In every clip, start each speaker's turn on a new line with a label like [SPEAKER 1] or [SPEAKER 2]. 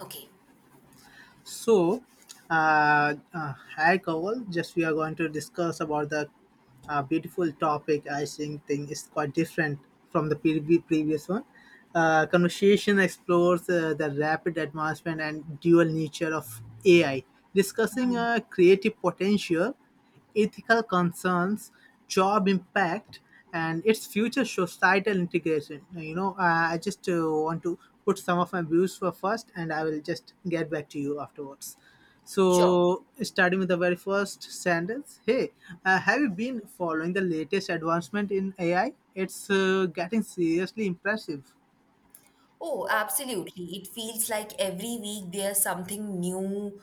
[SPEAKER 1] Okay,
[SPEAKER 2] So, Hi Kawal. Just we are going to discuss about the beautiful topic. I think thing is quite different from the previous one. Conversation explores the rapid advancement and dual nature of AI, discussing a creative potential ethical concerns, job impact, and its future societal integration. I just want to put some of my views for first, and I will just get back to you afterwards.
[SPEAKER 1] sure.
[SPEAKER 2] So, starting with the very first sentence, have you been following the latest advancement in AI? It's getting seriously impressive.
[SPEAKER 1] Oh, absolutely. It feels like every week there's something new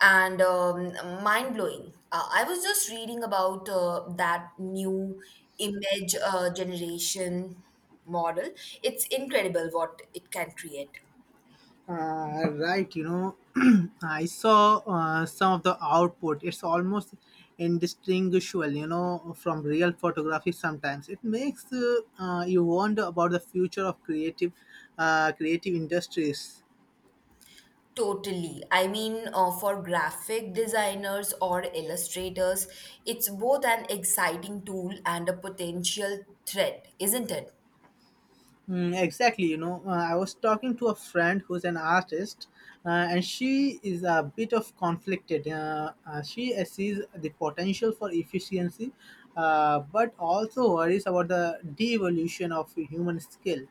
[SPEAKER 1] and mind blowing. I was just reading about that new image generation model. It's incredible what it can create.
[SPEAKER 2] Right, I saw some of the output. It's almost indistinguishable, from real photography. Sometimes it makes you wonder about the future of creative industries.
[SPEAKER 1] Totally. I mean, for graphic designers or illustrators, it's both an exciting tool and a potential threat, isn't it?
[SPEAKER 2] Mm, exactly, I was talking to a friend who's an artist, and she is a bit of conflicted. She sees the potential for efficiency, but also worries about the de-evolution of human skill.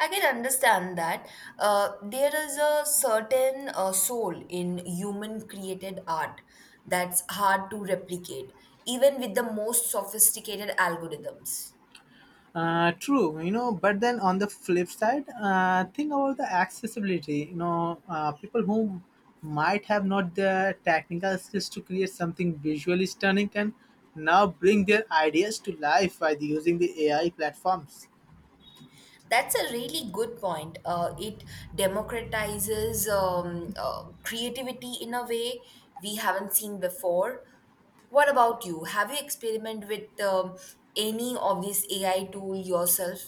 [SPEAKER 1] I can understand that. There is a certain soul in human created art that's hard to replicate, even with the most sophisticated algorithms.
[SPEAKER 2] True, but then on the flip side, think about the accessibility. People who might have not the technical skills to create something visually stunning can now bring their ideas to life by using the AI platforms.
[SPEAKER 1] That's a really good point. It democratizes creativity in a way we haven't seen before. What about you? Have you experimented with any of this AI tool yourself?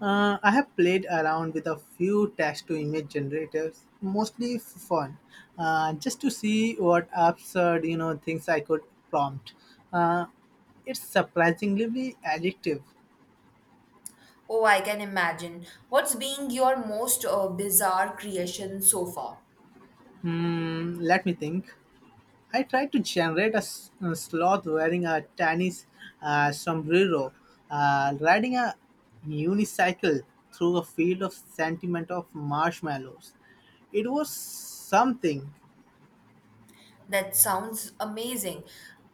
[SPEAKER 2] I have played around with a few text to image generators, mostly for fun, just to see what absurd, things I could prompt. Uh, it's surprisingly addictive.
[SPEAKER 1] Oh, I can imagine. What's being your most bizarre creation so far?
[SPEAKER 2] Hmm, let me think. I tried to generate a sloth wearing a tennis sombrero, riding a unicycle through a field of sentiment of marshmallows. It was something.
[SPEAKER 1] That sounds amazing.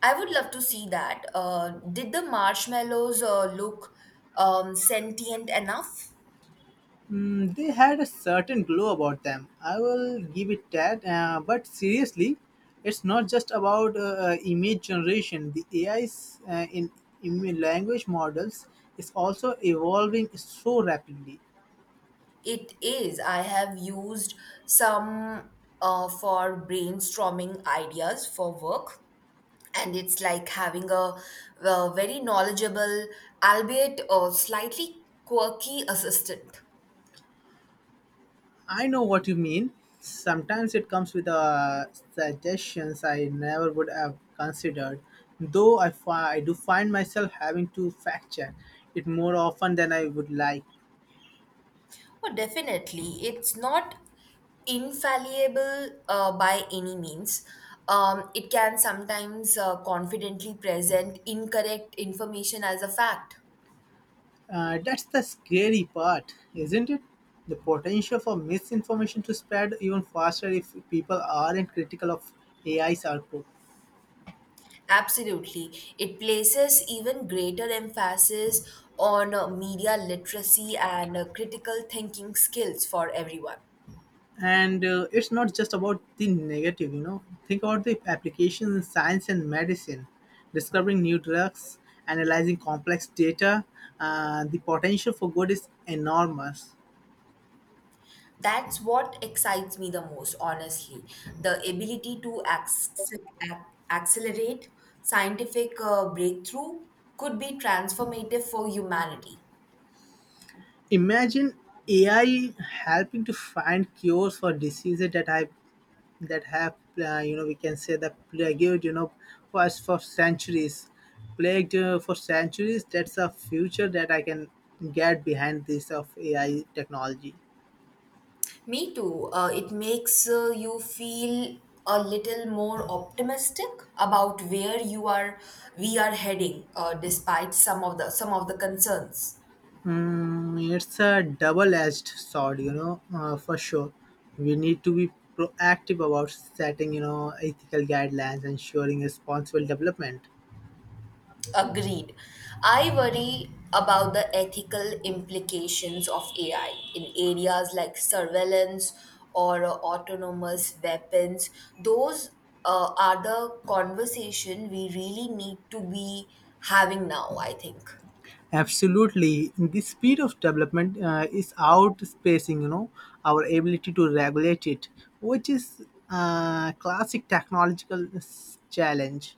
[SPEAKER 1] I would love to see that. Did the marshmallows look sentient enough?
[SPEAKER 2] Hmm, they had a certain glow about them. I will give it that. But seriously, it's not just about image generation. The AI's in language models is also evolving so rapidly.
[SPEAKER 1] It is. I have used some for brainstorming ideas for work, and it's like having a, very knowledgeable, albeit slightly quirky assistant.
[SPEAKER 2] I know what you mean. Sometimes it comes with suggestions I never would have considered, though I do find myself having to fact check it more often than I would like.
[SPEAKER 1] Oh, definitely. It's not infallible by any means. It can sometimes confidently present incorrect information as a fact.
[SPEAKER 2] That's the scary part, isn't it? The potential for misinformation to spread even faster if people aren't critical of AI's output.
[SPEAKER 1] Absolutely. It places even greater emphasis on media literacy and critical thinking skills for everyone.
[SPEAKER 2] And it's not just about the negative, think about the applications in science and medicine, discovering new drugs, analyzing complex data. Uh, the potential for good is enormous.
[SPEAKER 1] That's what excites me the most, honestly. The ability to ac- accelerate scientific breakthrough could be transformative for humanity.
[SPEAKER 2] Imagine AI helping to find cures for diseases that have you know we can say that plagued for us for centuries, plagued for centuries. That's a future that I can get behind, this of AI technology.
[SPEAKER 1] Me too. It makes you feel a little more optimistic about where you are we are heading, despite some of the concerns.
[SPEAKER 2] Mm, it's a double-edged sword, for sure. We need to be proactive about setting, ethical guidelines, ensuring responsible development.
[SPEAKER 1] Agreed. I worry about the ethical implications of AI in areas like surveillance or autonomous weapons. Those are the conversation we really need to be having now, I think.
[SPEAKER 2] Absolutely, the speed of development is outspacing, our ability to regulate it, which is a classic technological challenge.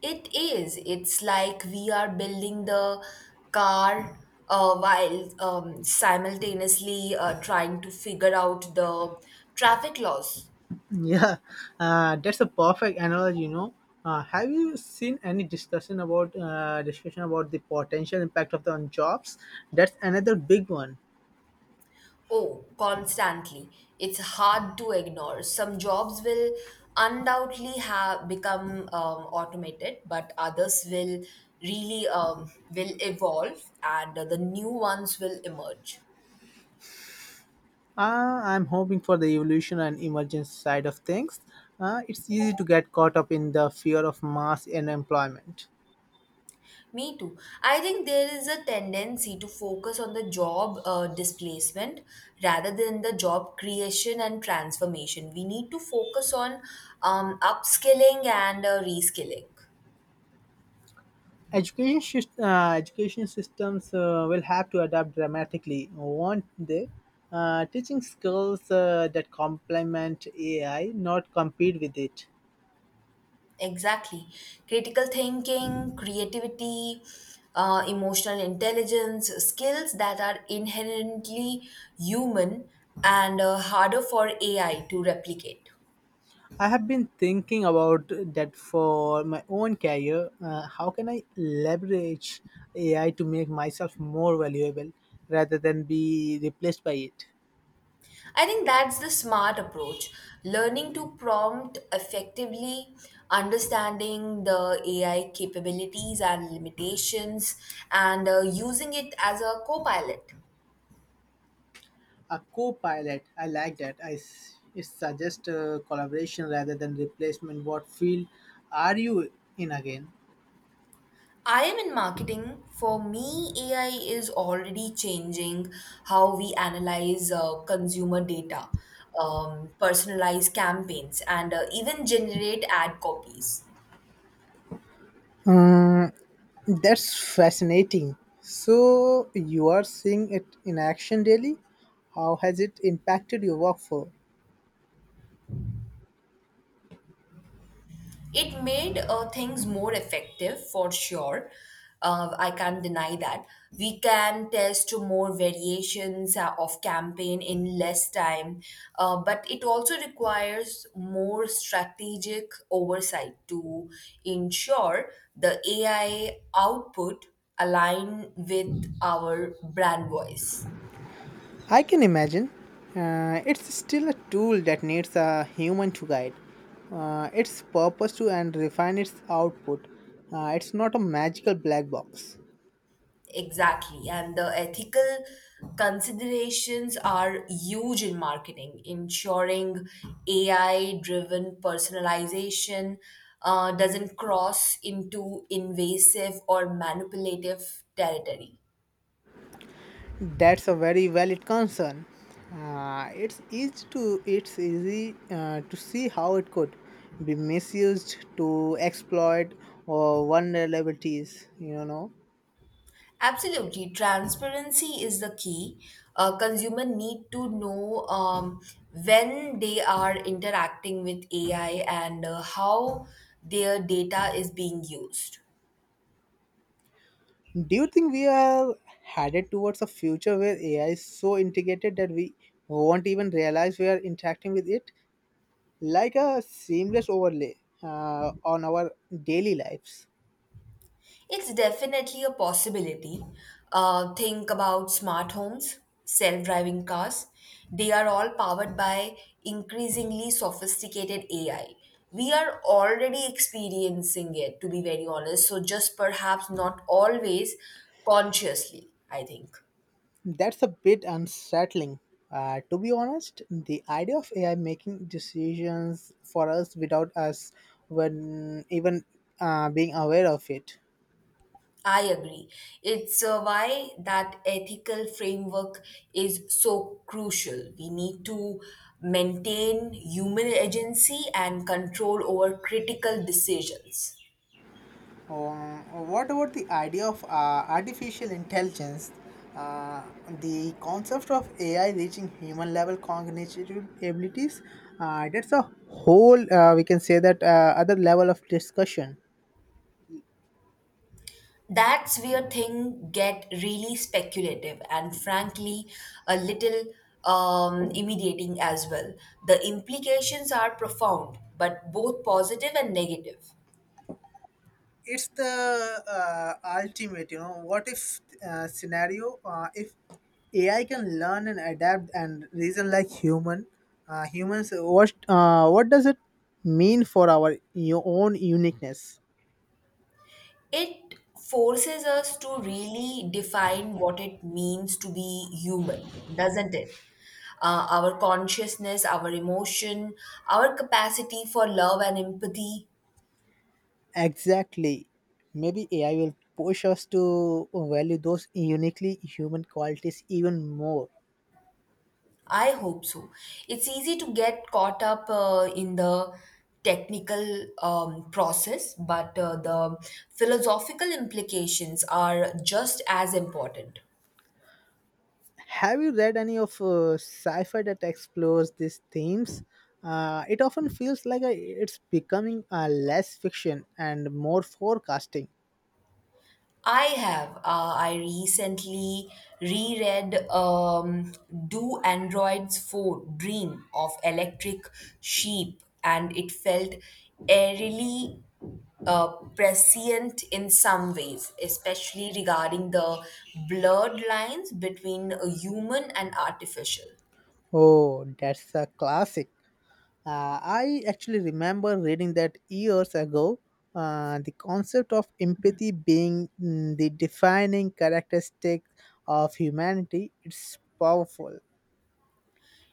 [SPEAKER 1] It is. It's like we are building the car while simultaneously trying to figure out the traffic laws.
[SPEAKER 2] Yeah, that's a perfect analogy. Have you seen any discussion about the potential impact of the on jobs? That's another big one.
[SPEAKER 1] Oh, constantly. It's hard to ignore. Some jobs will undoubtedly have become automated, but others will really will evolve, and the new ones will emerge.
[SPEAKER 2] I'm hoping for the evolution and emergence side of things. It's easy to get caught up in the fear of mass unemployment.
[SPEAKER 1] Me too. I think there is a tendency to focus on the job displacement rather than the job creation and transformation. We need to focus on upskilling and reskilling.
[SPEAKER 2] Education syst- education systems will have to adapt dramatically, won't they? Teaching skills that complement AI, not compete with it.
[SPEAKER 1] Exactly. Critical thinking, creativity, emotional intelligence, skills that are inherently human and harder for AI to replicate.
[SPEAKER 2] I have been thinking about that for my own career. How can I leverage AI to make myself more valuable rather than be replaced by it?
[SPEAKER 1] I think that's the smart approach. Learning to prompt effectively, understanding the AI capabilities and limitations, and using it as a co pilot.
[SPEAKER 2] A co-pilot, I like that. I s- it suggests collaboration rather than replacement. What field are you in again?
[SPEAKER 1] I am in marketing. For me, AI is already changing how we analyze consumer data, personalize campaigns, and even generate ad copies.
[SPEAKER 2] That's fascinating. So you are seeing it in action daily. How has it impacted your workflow?
[SPEAKER 1] It made things more effective for sure. I can't deny that. We can test more variations of campaign in less time, but it also requires more strategic oversight to ensure the AI output align with our brand voice.
[SPEAKER 2] I can imagine. It's still a tool that needs a human to guide its purpose to and refine its output. It's not a magical black box.
[SPEAKER 1] Exactly. And the ethical considerations are huge in marketing, ensuring AI driven personalization doesn't cross into invasive or manipulative territory.
[SPEAKER 2] That's a very valid concern. It's easy to see how it could be misused to exploit or vulnerabilities. You know.
[SPEAKER 1] Absolutely. Transparency is the key. Consumer need to know when they are interacting with AI and how their data is being used.
[SPEAKER 2] Do you think we are headed towards a future where AI is so integrated that we won't even realize we are interacting with it, like a seamless overlay on our daily lives?
[SPEAKER 1] It's definitely a possibility. Think about smart homes, self driving cars. They are all powered by increasingly sophisticated AI. We are already experiencing it, to be very honest, so just perhaps not always consciously, I think.
[SPEAKER 2] That's a bit unsettling. To be honest, the idea of AI making decisions for us without us when even being aware of it.
[SPEAKER 1] I agree. It's why that ethical framework is so crucial. We need to maintain human agency and control over critical decisions.
[SPEAKER 2] Um, what about the idea of artificial intelligence? Uh, the concept of AI reaching human level cognitive abilities, that's a whole, we can say that, other level of discussion.
[SPEAKER 1] That's where things get really speculative and frankly a little immediating as well. The implications are profound, but both positive and negative.
[SPEAKER 2] It's the ultimate, what if scenario, if AI can learn and adapt and reason like humans. What, what does it mean for our own uniqueness?
[SPEAKER 1] It forces us to really define what it means to be human, doesn't it? Our consciousness, our emotion, our capacity for love and empathy.
[SPEAKER 2] Exactly. Maybe AI will push us to value those uniquely human qualities even more.
[SPEAKER 1] I hope so. It's easy to get caught up in the technical process, but the philosophical implications are just as important.
[SPEAKER 2] Have you read any of sci-fi that explores these themes? It often feels like it's becoming less fiction and more forecasting.
[SPEAKER 1] I have. I recently reread Do Androids Phone Dream of Electric Sheep, and it felt eerily uh, prescient in some ways, especially regarding the blurred lines between human and artificial.
[SPEAKER 2] Oh, that's a classic. I actually remember reading that years ago. The concept of empathy being, mm, the defining characteristic of humanity, it's powerful.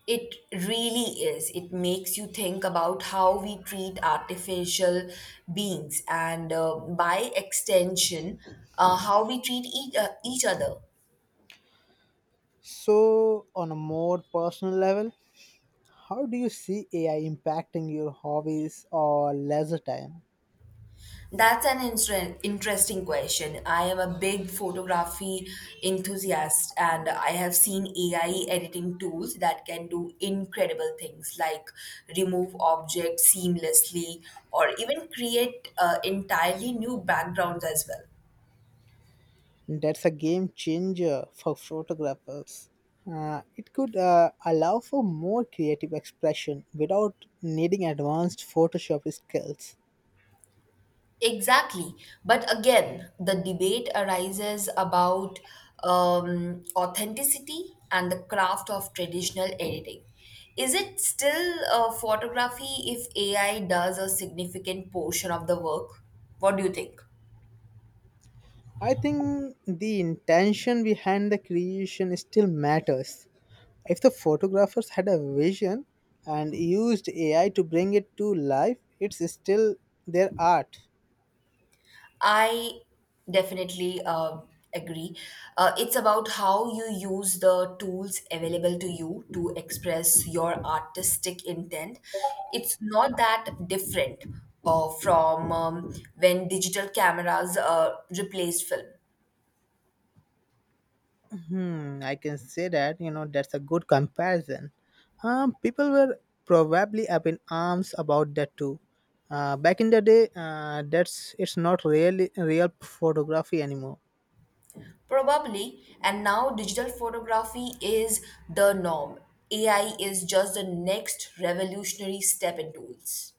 [SPEAKER 1] It really is. It makes you think about how we treat artificial beings and, by extension, how we treat each other.
[SPEAKER 2] So, on a more personal level, how do you see AI impacting your hobbies or leisure time?
[SPEAKER 1] That's an interesting question. I am a big photography enthusiast and I have seen AI editing tools that can do incredible things like remove objects seamlessly or even create entirely new backgrounds as well.
[SPEAKER 2] That's a game changer for photographers. It could allow for more creative expression without needing advanced Photoshop skills.
[SPEAKER 1] Exactly. But again, the debate arises about authenticity and the craft of traditional editing. Is it still photography if AI does a significant portion of the work? What do you think?
[SPEAKER 2] I think the intention behind the creation still matters. If the photographers had a vision and used AI to bring it to life, it's still their art.
[SPEAKER 1] I definitely agree. It's about how you use the tools available to you to express your artistic intent. It's not that different from when digital cameras replaced film.
[SPEAKER 2] Hmm, I can say that, that's a good comparison. People were probably up in arms about that too. Back in the day, that's it's not really real photography anymore.
[SPEAKER 1] Probably, and now digital photography is the norm. AI is just the next revolutionary step in tools.